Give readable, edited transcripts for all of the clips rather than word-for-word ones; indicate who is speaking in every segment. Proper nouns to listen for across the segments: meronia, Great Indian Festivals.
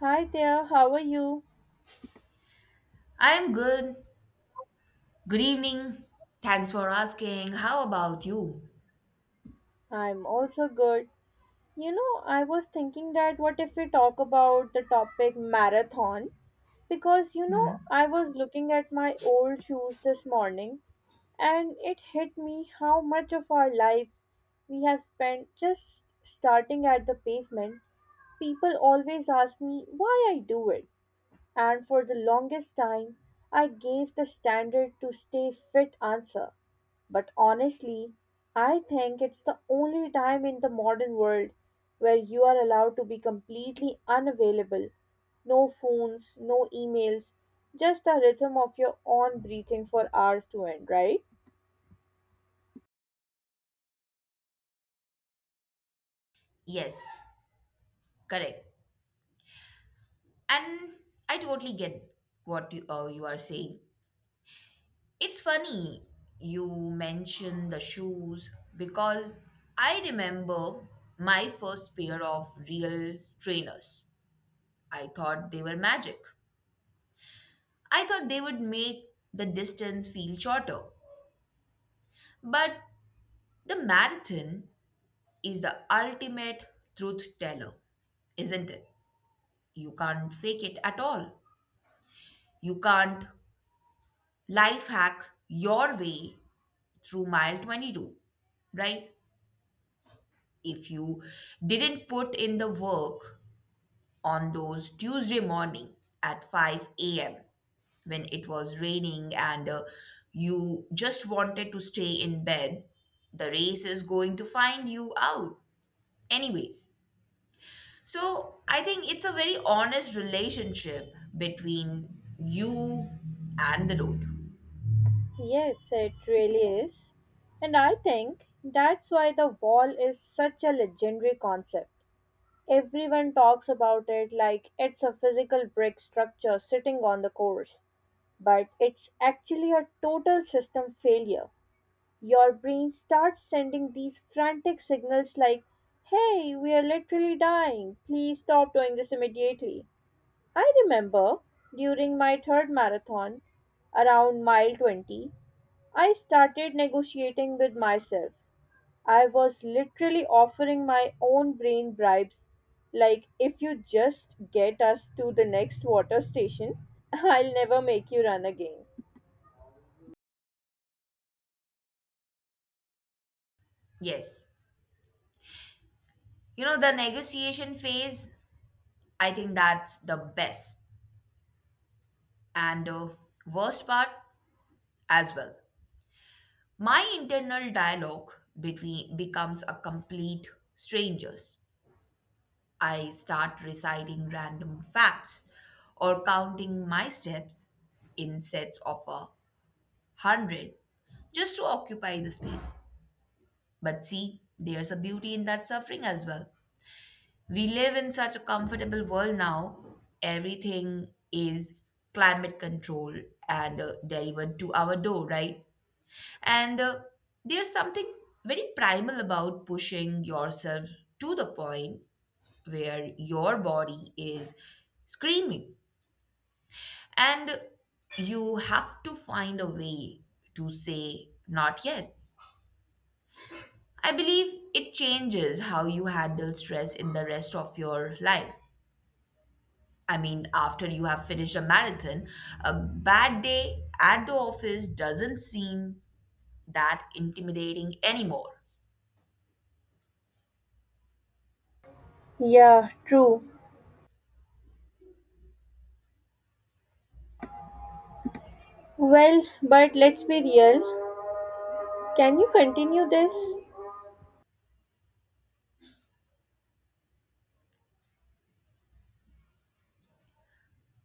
Speaker 1: Hi there, how are you?
Speaker 2: I'm good. Good evening. Thanks for asking. How about you?
Speaker 1: I'm also good. You know, I was thinking that what if we talk about the topic marathon? Because, you know, I was looking at my old shoes this morning and it hit me how much of our lives we have spent just starting at the pavement. People always ask me why I do it. And for the longest time, I gave the standard to stay fit answer. But honestly, I think it's the only time in the modern world where you are allowed to be completely unavailable. No phones, no emails, just the rhythm of your own breathing for hours to end, right?
Speaker 2: Yes, correct. And I totally get what you are saying. It's funny you mention the shoes because I remember my first pair of real trainers. I thought they were magic. I thought they would make the distance feel shorter. But the marathon is the ultimate truth teller, isn't it? You can't fake it at all. You can't life hack your way through mile 22, right? If you didn't put in the work on those Tuesday morning at 5 a.m. when it was raining and you just wanted to stay in bed, the race is going to find you out. Anyways, so I think it's a very honest relationship between you and the road.
Speaker 1: Yes, it really is. And I think that's why the wall is such a legendary concept. Everyone talks about it like it's a physical brick structure sitting on the course, but it's actually a total system failure. Your brain starts sending these frantic signals like, hey, we are literally dying, please stop doing this immediately. I remember during my third marathon, around mile 20, I started negotiating with myself. I was literally offering my own brain bribes, like, if you just get us to the next water station, I'll never make you run again.
Speaker 2: Yes. You know, the negotiation phase, I think that's the best and worst part as well. My internal dialogue between becomes a complete strangers. I start reciting random facts or counting my steps in sets of 100 just to occupy the space. But see, there's a beauty in that suffering as well. We live in such a comfortable world now. Everything is climate controlled and delivered to our door, right? And there's something very primal about pushing yourself to the point where your body is screaming. And you have to find a way to say, not yet. I believe it changes how you handle stress in the rest of your life. I mean, after you have finished a marathon, a bad day at the office doesn't seem that intimidating anymore.
Speaker 1: Yeah, true. Well, but let's be real. Can you continue this?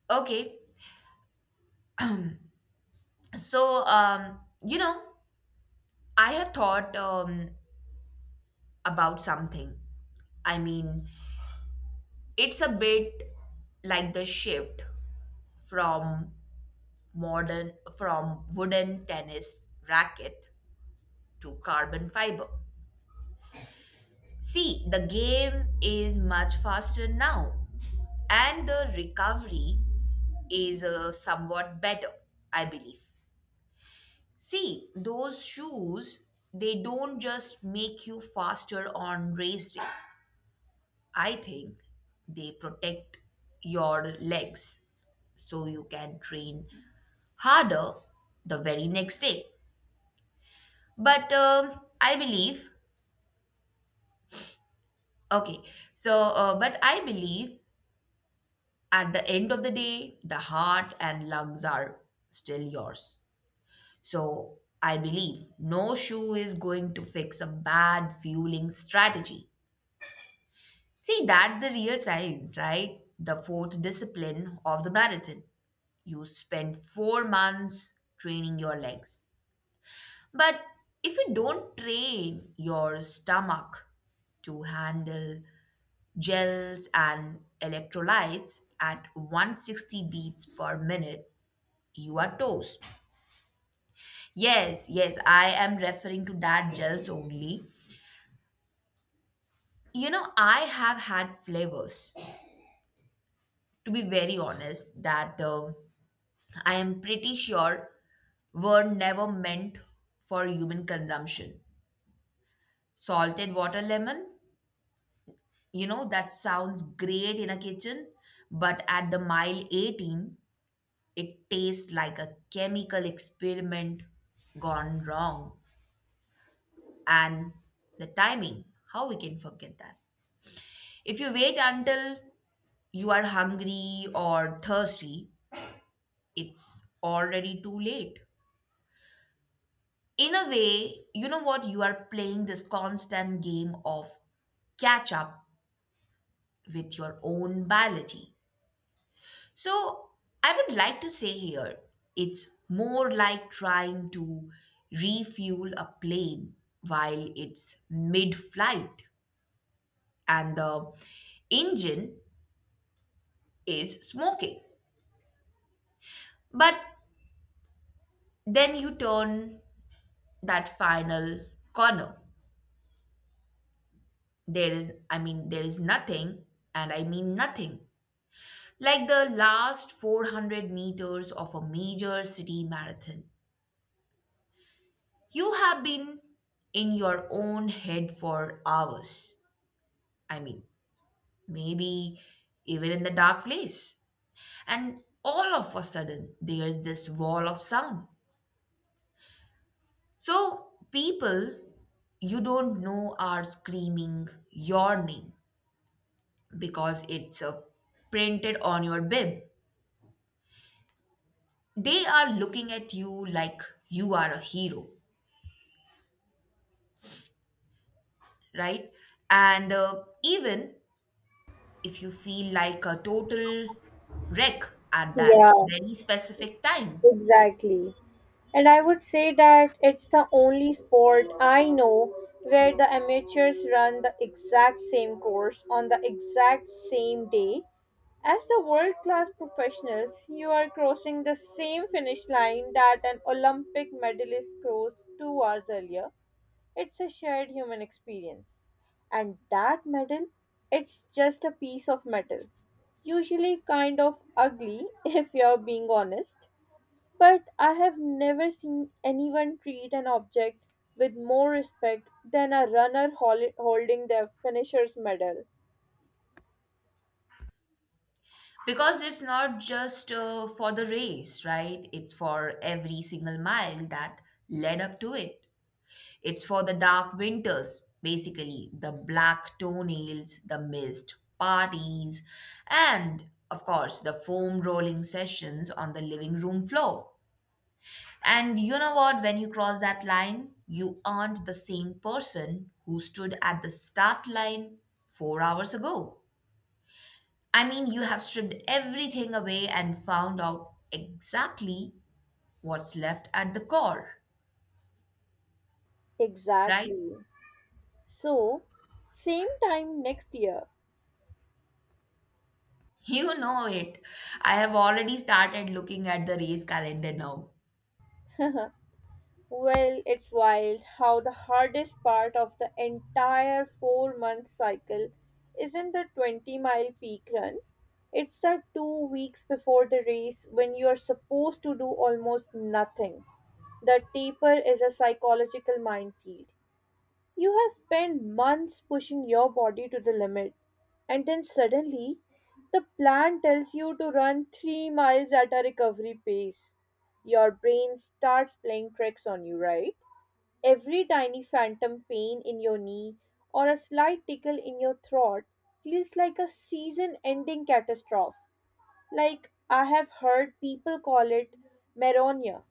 Speaker 2: Okay, so, you know, I have thought about something. I mean, it's a bit like the shift from modern, from wooden tennis racket to carbon fiber. See, the game is much faster now, and the recovery is somewhat better, I believe. See, those shoes, they don't just make you faster on race day. I think they protect your legs so you can train harder the very next day. But I believe, okay, so, but I believe at the end of the day, the heart and lungs are still yours. So I believe no shoe is going to fix a bad fueling strategy. See, that's the real science, right? The fourth discipline of the marathon. You spend 4 months training your legs. But if you don't train your stomach to handle gels and electrolytes at 160 beats per minute, you are toast. Yes, yes, I am referring to that gels only. You know, I have had flavors, to be very honest, that I am pretty sure were never meant for human consumption. Salted water lemon, that sounds great in a kitchen, but at the mile 18, it tastes like a chemical experiment gone wrong. And the timing, how we can forget that? If you wait until you are hungry or thirsty, it's already too late. In a way, you know what? You are playing this constant game of catch up with your own biology. So, I would like to say here it's more like trying to refuel a plane while it's mid flight and the engine is smoking. But then you turn that final corner. I mean, there is nothing, and I mean nothing, like the last 400 meters of a major city marathon. You have been in your own head for hours. I mean, maybe even in the dark place. And all of a sudden, there's this wall of sound. So, people you don't know are screaming your name because it's printed on your bib. They are looking at you like you are a hero, right? And even if you feel like a total wreck at that
Speaker 1: Yeah,
Speaker 2: very specific time,
Speaker 1: exactly. And I would say that it's the only sport I know where the amateurs run the exact same course on the exact same day as the world-class professionals. You are crossing the same finish line that an Olympic medalist crossed 2 hours earlier. It's a shared human experience. And that medal, it's just a piece of metal. Usually kind of ugly, if you're being honest. But I have never seen anyone treat an object with more respect than a runner holding their finisher's medal.
Speaker 2: because it's not just for the race, right? It's for every single mile that led up to it. It's for the dark winters, basically, the black toenails, the missed parties, and of course, the foam rolling sessions on the living room floor. And you know what? When you cross that line, you aren't the same person who stood at the start line 4 hours ago. I mean, you have stripped everything away and found out exactly what's left at the core, right?
Speaker 1: Exactly. So, same time next year.
Speaker 2: You know it. I have already started looking at the race calendar now.
Speaker 1: Well, it's wild how the hardest part of the entire 4 month cycle isn't the 20-mile peak run. It's the 2 weeks before the race when you are supposed to do almost nothing. The taper is a psychological minefield. You have spent months pushing your body to the limit, and then suddenly the plan tells you to run 3 miles at a recovery pace. Your brain starts playing tricks on you, right? Every tiny phantom pain in your knee or a slight tickle in your throat feels like a season ending catastrophe. Like I have heard people call it meronia,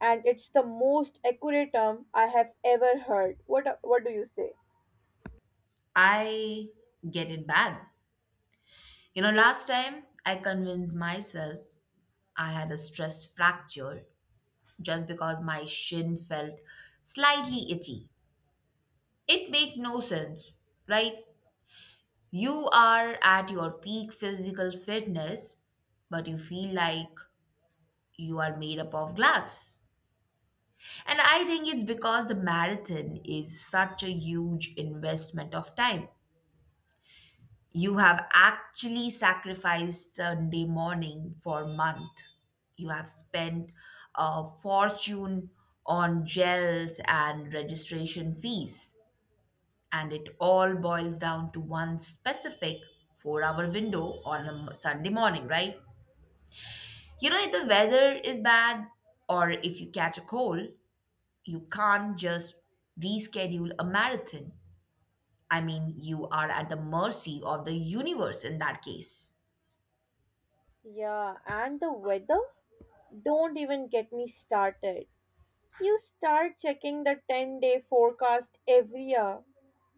Speaker 1: and it's the most accurate term I have ever heard. What do you say?
Speaker 2: I get it bad. You know, last time I convinced myself I had a stress fracture just because my shin felt slightly itchy. It made no sense, right? You are at your peak physical fitness, but you feel like you are made up of glass. And I think it's because the marathon is such a huge investment of time. You have actually sacrificed Sunday morning for a month. You have spent a fortune on gels and registration fees. And it all boils down to one specific 4 hour window on a Sunday morning, right? You know, if the weather is bad or if you catch a cold, you can't just reschedule a marathon. I mean, you are at the mercy of the universe in that case.
Speaker 1: Yeah, and the weather? Don't even get me started. You start checking the 10-day forecast every year.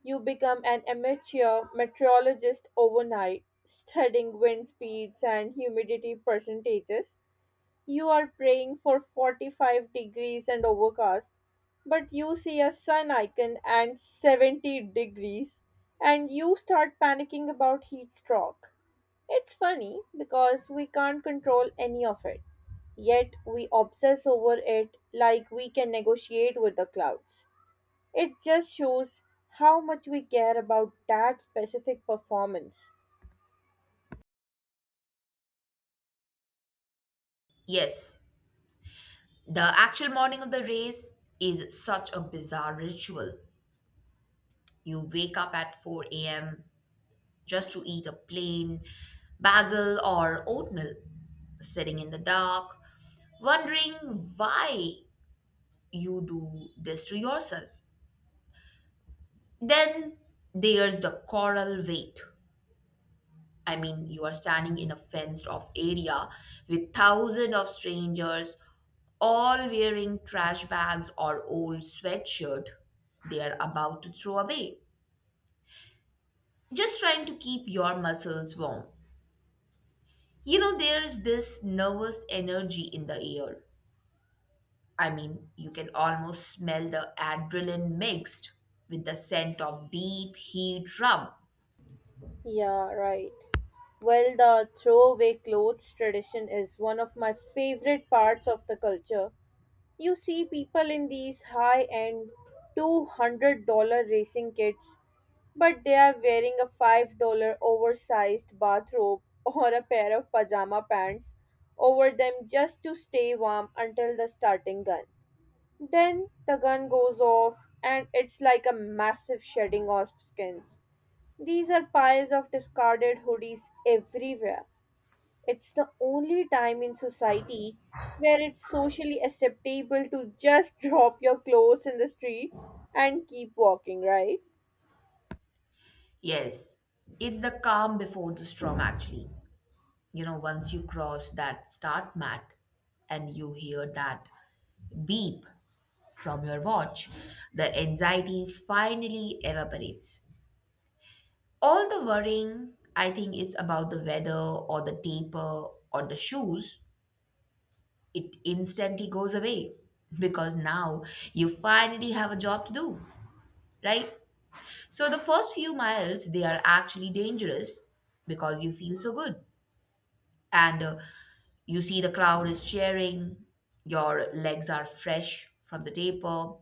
Speaker 1: You become an amateur meteorologist overnight, studying wind speeds and humidity percentages. You are praying for 45 degrees and overcast, but you see a sun icon and 70 degrees, and you start panicking about heat stroke. It's funny because we can't control any of it, yet we obsess over it like we can negotiate with the clouds. It just shows how much we care about that specific performance.
Speaker 2: Yes, the actual morning of the race is such a bizarre ritual. You wake up at 4 a.m. just to eat a plain bagel or oatmeal, sitting in the dark, wondering why you do this to yourself. Then there's the coral wait. I mean, you are standing in a fenced off area with thousands of strangers, all wearing trash bags or old sweatshirt they are about to throw away, just trying to keep your muscles warm. You know, there's this nervous energy in the air. I mean, you can almost smell the adrenaline mixed with the scent of deep heat rub.
Speaker 1: Yeah, right. Well, the throwaway clothes tradition is one of my favorite parts of the culture. You see people in these high end $200 racing kits, but they are wearing a $5 oversized bathrobe or a pair of pajama pants over them just to stay warm until the starting gun. Then the gun goes off, and it's like a massive shedding of skins. These are piles of discarded hoodies everywhere. It's the only time in society where it's socially acceptable to just drop your clothes in the street and keep walking, right?
Speaker 2: Yes, it's the calm before the storm, actually. You know, once you cross that start mat and you hear that beep from your watch, the anxiety finally evaporates. All the worrying, I think, is about the weather or the taper or the shoes. It instantly goes away because now you finally have a job to do, right? So the first few miles they are actually dangerous because you feel so good and you see the crowd is cheering, your legs are fresh from the taper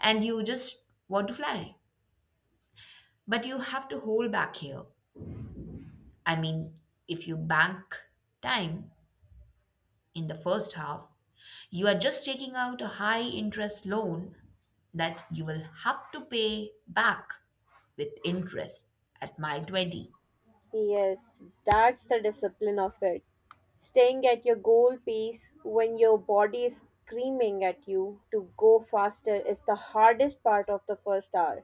Speaker 2: and you just want to fly. But you have to hold back here. I mean, if you bank time, in the first half, you are just taking out a high interest loan that you will have to pay back with interest at mile 20.
Speaker 1: Yes, that's the discipline of it. Staying at your goal pace when your body is screaming at you to go faster is the hardest part of the first hour.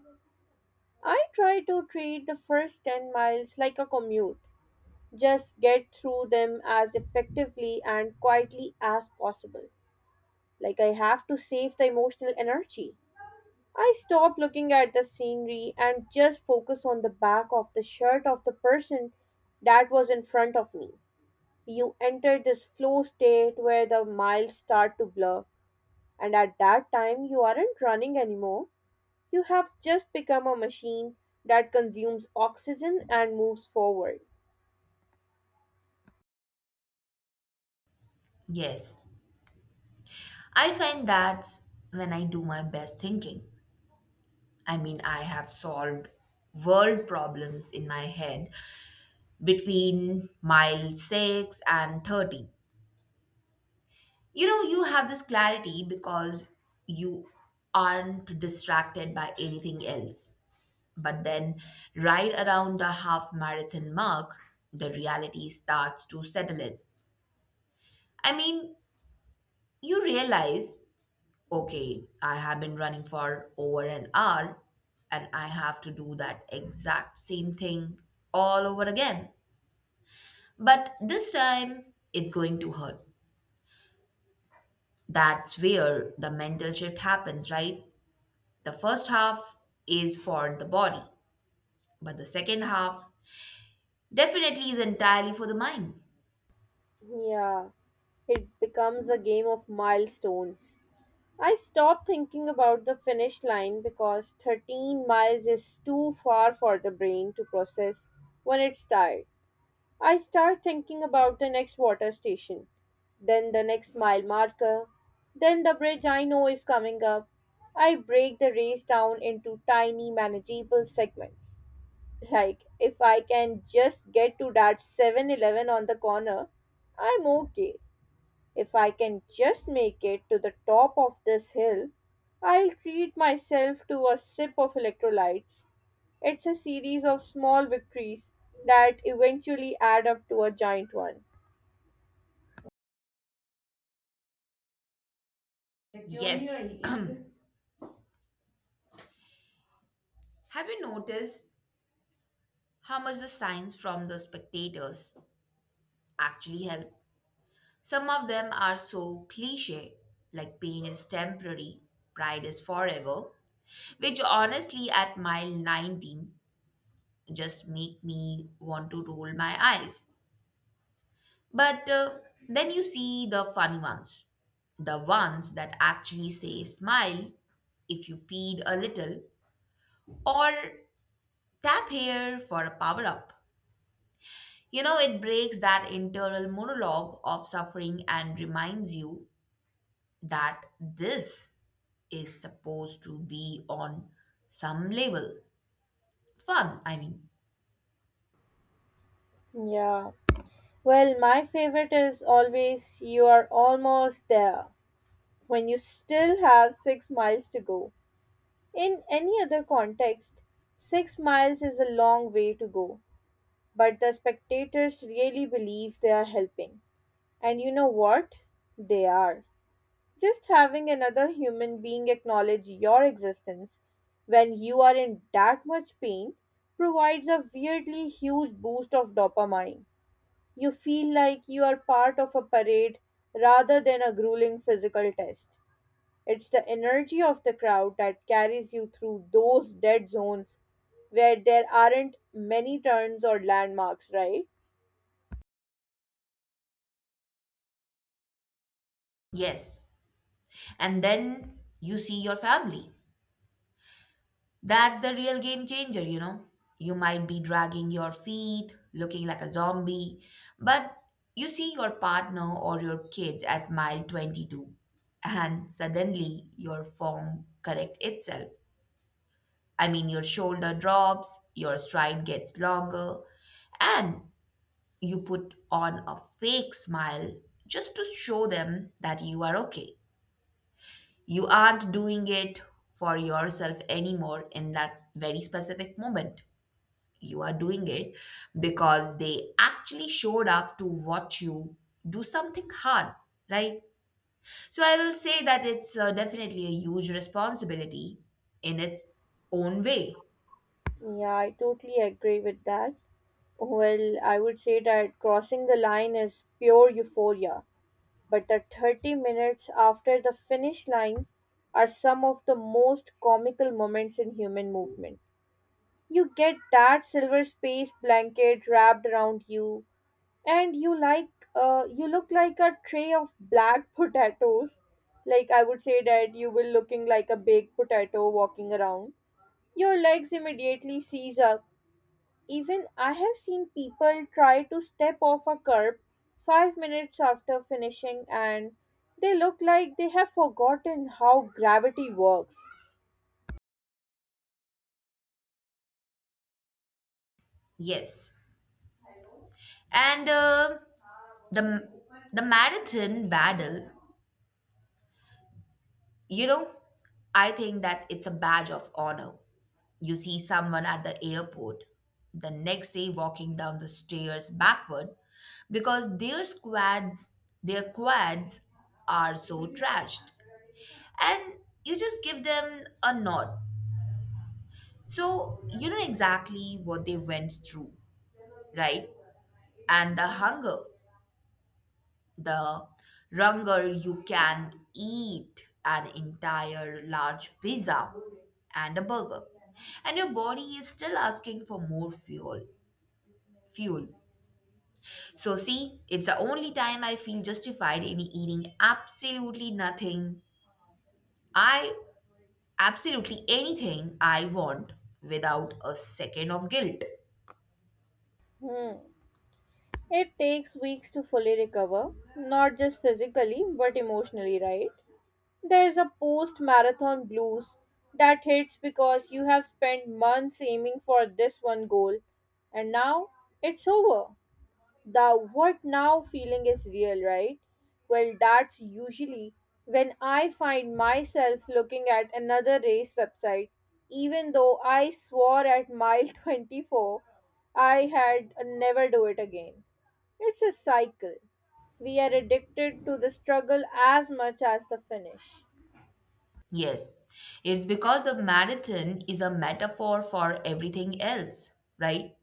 Speaker 1: I try to treat the first 10 miles like a commute. Just get through them as effectively and quietly as possible. Like I have to save the emotional energy. I stop looking at the scenery and just focus on the back of the shirt of the person that was in front of me. You enter this flow state where the miles start to blur, and at that time, you aren't running anymore. You have just become a machine that consumes oxygen and moves forward.
Speaker 2: Yes, I find that's when I do my best thinking. I mean, I have solved world problems in my head between mile 6 and 30. You know, you have this clarity because you aren't distracted by anything else. But then, right around the half marathon mark, the reality starts to settle in. I mean, you realize, okay, I have been running for over an hour and I have to do that exact same thing all over again. But this time, it's going to hurt. That's where the mental shift happens, right? The first half is for the body, but the second half definitely is entirely for the mind.
Speaker 1: Yeah, it becomes a game of milestones. I stopped thinking about the finish line because 13 miles is too far for the brain to process when it's tired. I start thinking about the next water station, then the next mile marker, then the bridge I know is coming up. I break the race down into tiny manageable segments. Like, if I can just get to that 7-Eleven on the corner, I'm okay. If I can just make it to the top of this hill, I'll treat myself to a sip of electrolytes. It's a series of small victories that eventually add up to a giant one.
Speaker 2: Yes. Have you noticed how much the signs from the spectators actually help? Some of them are so cliche, like pain is temporary, pride is forever, which honestly at mile 19 just make me want to roll my eyes. But then you see the funny ones, the ones that actually say smile if you peed a little or tap here for a power up. You know, it breaks that internal monologue of suffering and reminds you that this is supposed to be on some level fun, I mean.
Speaker 1: Yeah. Well, my favorite is always you are almost there when you still have 6 miles to go. In any other context, 6 miles is a long way to go, but the spectators really believe they are helping. And you know what? They are. Just having another human being acknowledge your existence when you are in that much pain provides a weirdly huge boost of dopamine. You feel like you are part of a parade rather than a grueling physical test. It's the energy of the crowd that carries you through those dead zones where there aren't many turns or landmarks, right?
Speaker 2: Yes. And then you see your family. That's the real game changer, you know. You might be dragging your feet, looking like a zombie, but you see your partner or your kids at mile 22, and suddenly your form corrects itself. I mean, your shoulder drops, your stride gets longer, and you put on a fake smile just to show them that you are okay. You aren't doing it for yourself anymore in that very specific moment. You are doing it because they actually showed up to watch you do something hard, right? So I will say that it's definitely a huge responsibility in its own way.
Speaker 1: Yeah, I totally agree with that. Well, I would say that crossing the line is pure euphoria, but the 30 minutes after the finish line are some of the most comical moments in human movement. You get that silver space blanket wrapped around you, and you look like a tray of black potatoes. Like, I would say that you will looking like a baked potato walking around. Your legs immediately seize up. Even I have seen people try to step off a curb 5 minutes after finishing and they look like they have forgotten how gravity works.
Speaker 2: Yes. And the the marathon battle, you know, I think that it's a badge of honor. You see someone at the airport the next day walking down the stairs backward because their quads are so trashed, and you just give them a nod, so you know exactly what they went through, right? And the hunger, the longer you can eat an entire large pizza and a burger and your body is still asking for more fuel. So see, it's the only time I feel justified in eating i absolutely anything I want without a second of guilt.
Speaker 1: Hmm. It takes weeks to fully recover, not just physically but emotionally, right? There's a post marathon blues that hits because you have spent months aiming for this one goal and now it's over. The what now feeling is real, right? Well, that's usually when I find myself looking at another race website, even though I swore at mile 24 I had a never do it again. It's a cycle. We are addicted to the struggle as much as the finish.
Speaker 2: Yes, it's because the marathon is a metaphor for everything else, right?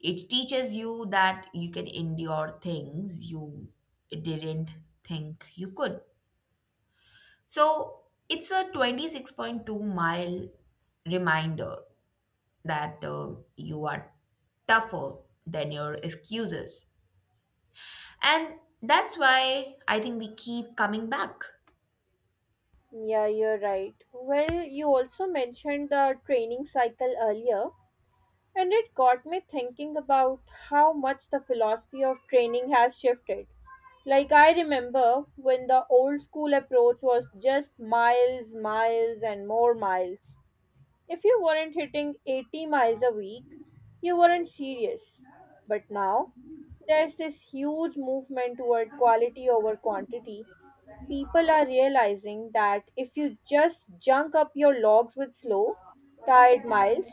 Speaker 2: It teaches you that you can endure things you didn't think you could. So it's a 26.2-mile reminder that you are tougher than your excuses. And that's why I think we keep coming back.
Speaker 1: Yeah, you're right. Well, you also mentioned the training cycle earlier. And it got me thinking about how much the philosophy of training has shifted. Like, I remember when the old school approach was just miles, miles, and more miles. If you weren't hitting 80 miles a week, you weren't serious. But now, there's this huge movement toward quality over quantity. People are realizing that if you just junk up your logs with slow, tired miles,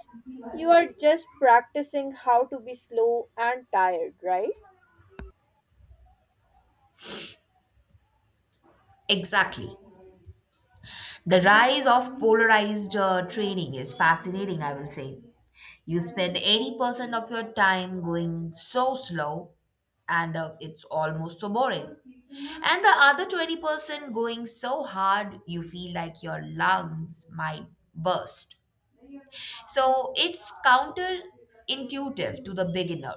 Speaker 1: you are just practicing how to be slow and tired, right?
Speaker 2: Exactly. The rise of polarized training is fascinating, I will say. You spend 80% of your time going so slow and it's almost so boring. And the other 20% going so hard you feel like your lungs might burst. So it's counterintuitive to the beginner.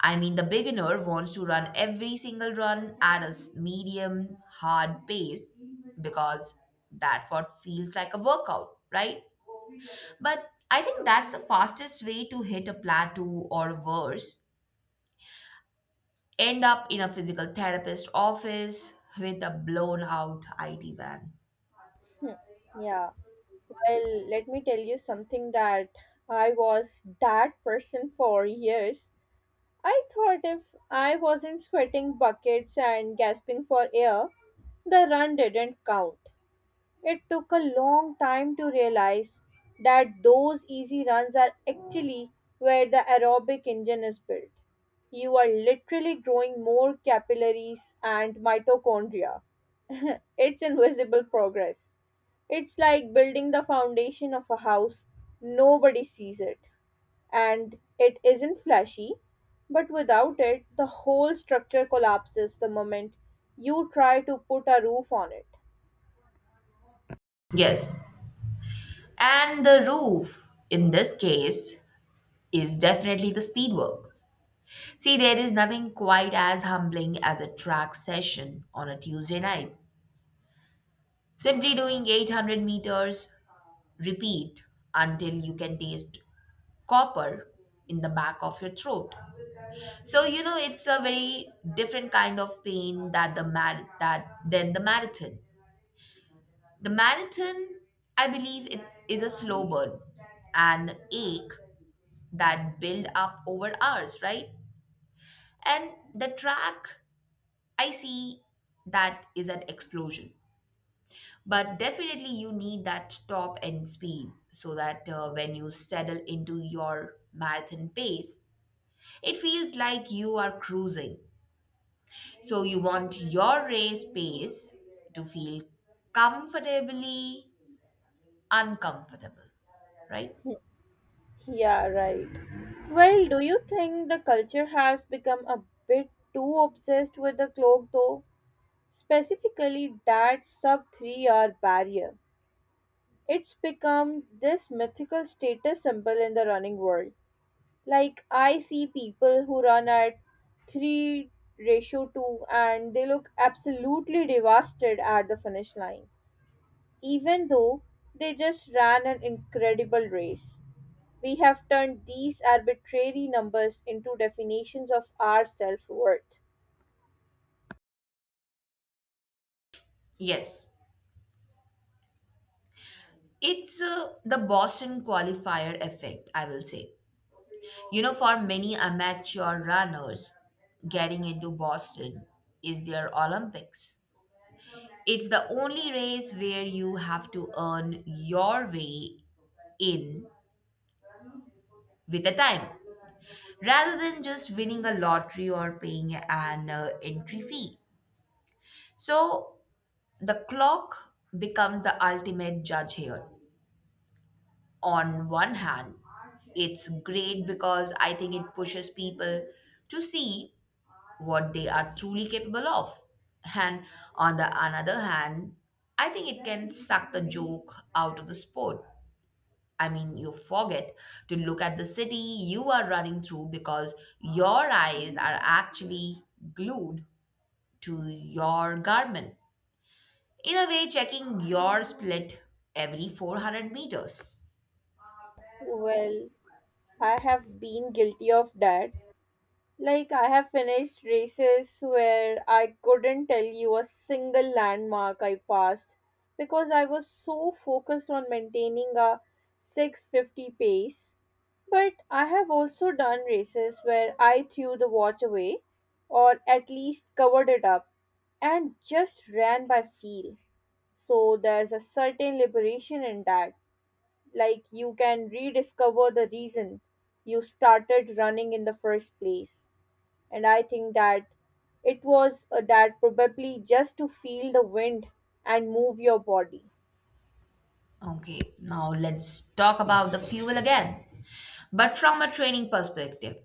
Speaker 2: I mean, the beginner wants to run every single run at a medium, hard pace because that's what feels like a workout, right? But I think that's the fastest way to hit a plateau or worse. End up in a physical therapist office with a blown out IT van.
Speaker 1: Yeah, well, let me tell you something that I was that person for years. I thought if I wasn't sweating buckets and gasping for air, the run didn't count. It took a long time to realize that those easy runs are actually where the aerobic engine is built. You are literally growing more capillaries and mitochondria. It's invisible progress. It's like building the foundation of a house, nobody sees it. And it isn't flashy, but without it, the whole structure collapses the moment you try to put a roof on it.
Speaker 2: Yes. And the roof, in this case, is definitely the speed work. See, there is nothing quite as humbling as a track session on a Tuesday night. Simply doing 800 meters, repeat until you can taste copper in the back of your throat. So you know it's a very different kind of pain that the mar- that than the marathon. The marathon, I believe, it's is a slow burn, an ache that build up over hours, right? And the track, I see that is an explosion. But definitely, you need that top end speed so that when you settle into your marathon pace, it feels like you are cruising. So, you want your race pace to feel comfortably uncomfortable, right?
Speaker 1: Yeah, right. Well, do you think the culture has become a bit too obsessed with the clock though? Specifically, that sub 3-hour barrier. It's become this mythical status symbol in the running world. Like, I see people who run at 3 ratio 2 and they look absolutely devastated at the finish line, even though they just ran an incredible race. We have turned these arbitrary numbers into definitions of our self worth.
Speaker 2: Yes. It's the Boston qualifier effect, I will say. You know, for many amateur runners, getting into Boston is their Olympics. It's the only race where you have to earn your way in with the time rather than just winning a lottery or paying an entry fee. So the clock becomes the ultimate judge here. On one hand, it's great because I think it pushes people to see what they are truly capable of. And on the another hand, I think it can suck the joke out of the sport. I mean, you forget to look at the city you are running through because your eyes are actually glued to your garment. In a way, checking your split every 400 meters.
Speaker 1: Well, I have been guilty of that. Like, I have finished races where I couldn't tell you a single landmark I passed because I was so focused on maintaining a 650 pace. But I have also done races where I threw the watch away or at least covered it up and just ran by feel. So there's a certain liberation in that. Like you can rediscover the reason you started running in the first place, and I think that it was that probably just to feel the wind and move your body.
Speaker 2: Okay, now let's talk about the fuel again. But from a training perspective,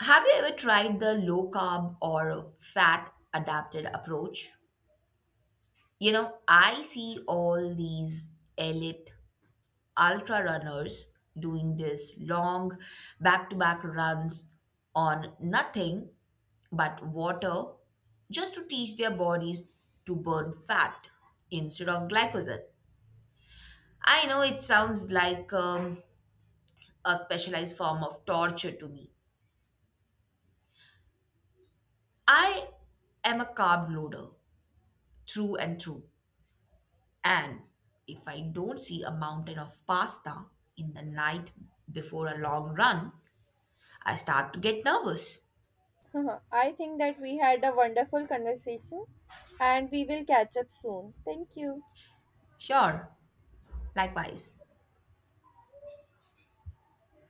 Speaker 2: have you ever tried the low carb or fat adapted approach? You know, I see all these elite ultra runners doing this long back to back runs on nothing but water just to teach their bodies to burn fat instead of glycogen. I know it sounds like a specialized form of torture to me. I am a carb loader through and through. And if I don't see a mountain of pasta in the night before a long run, I start to get nervous.
Speaker 1: I think that we had a wonderful conversation and we will catch up soon. Thank you.
Speaker 2: Sure, likewise.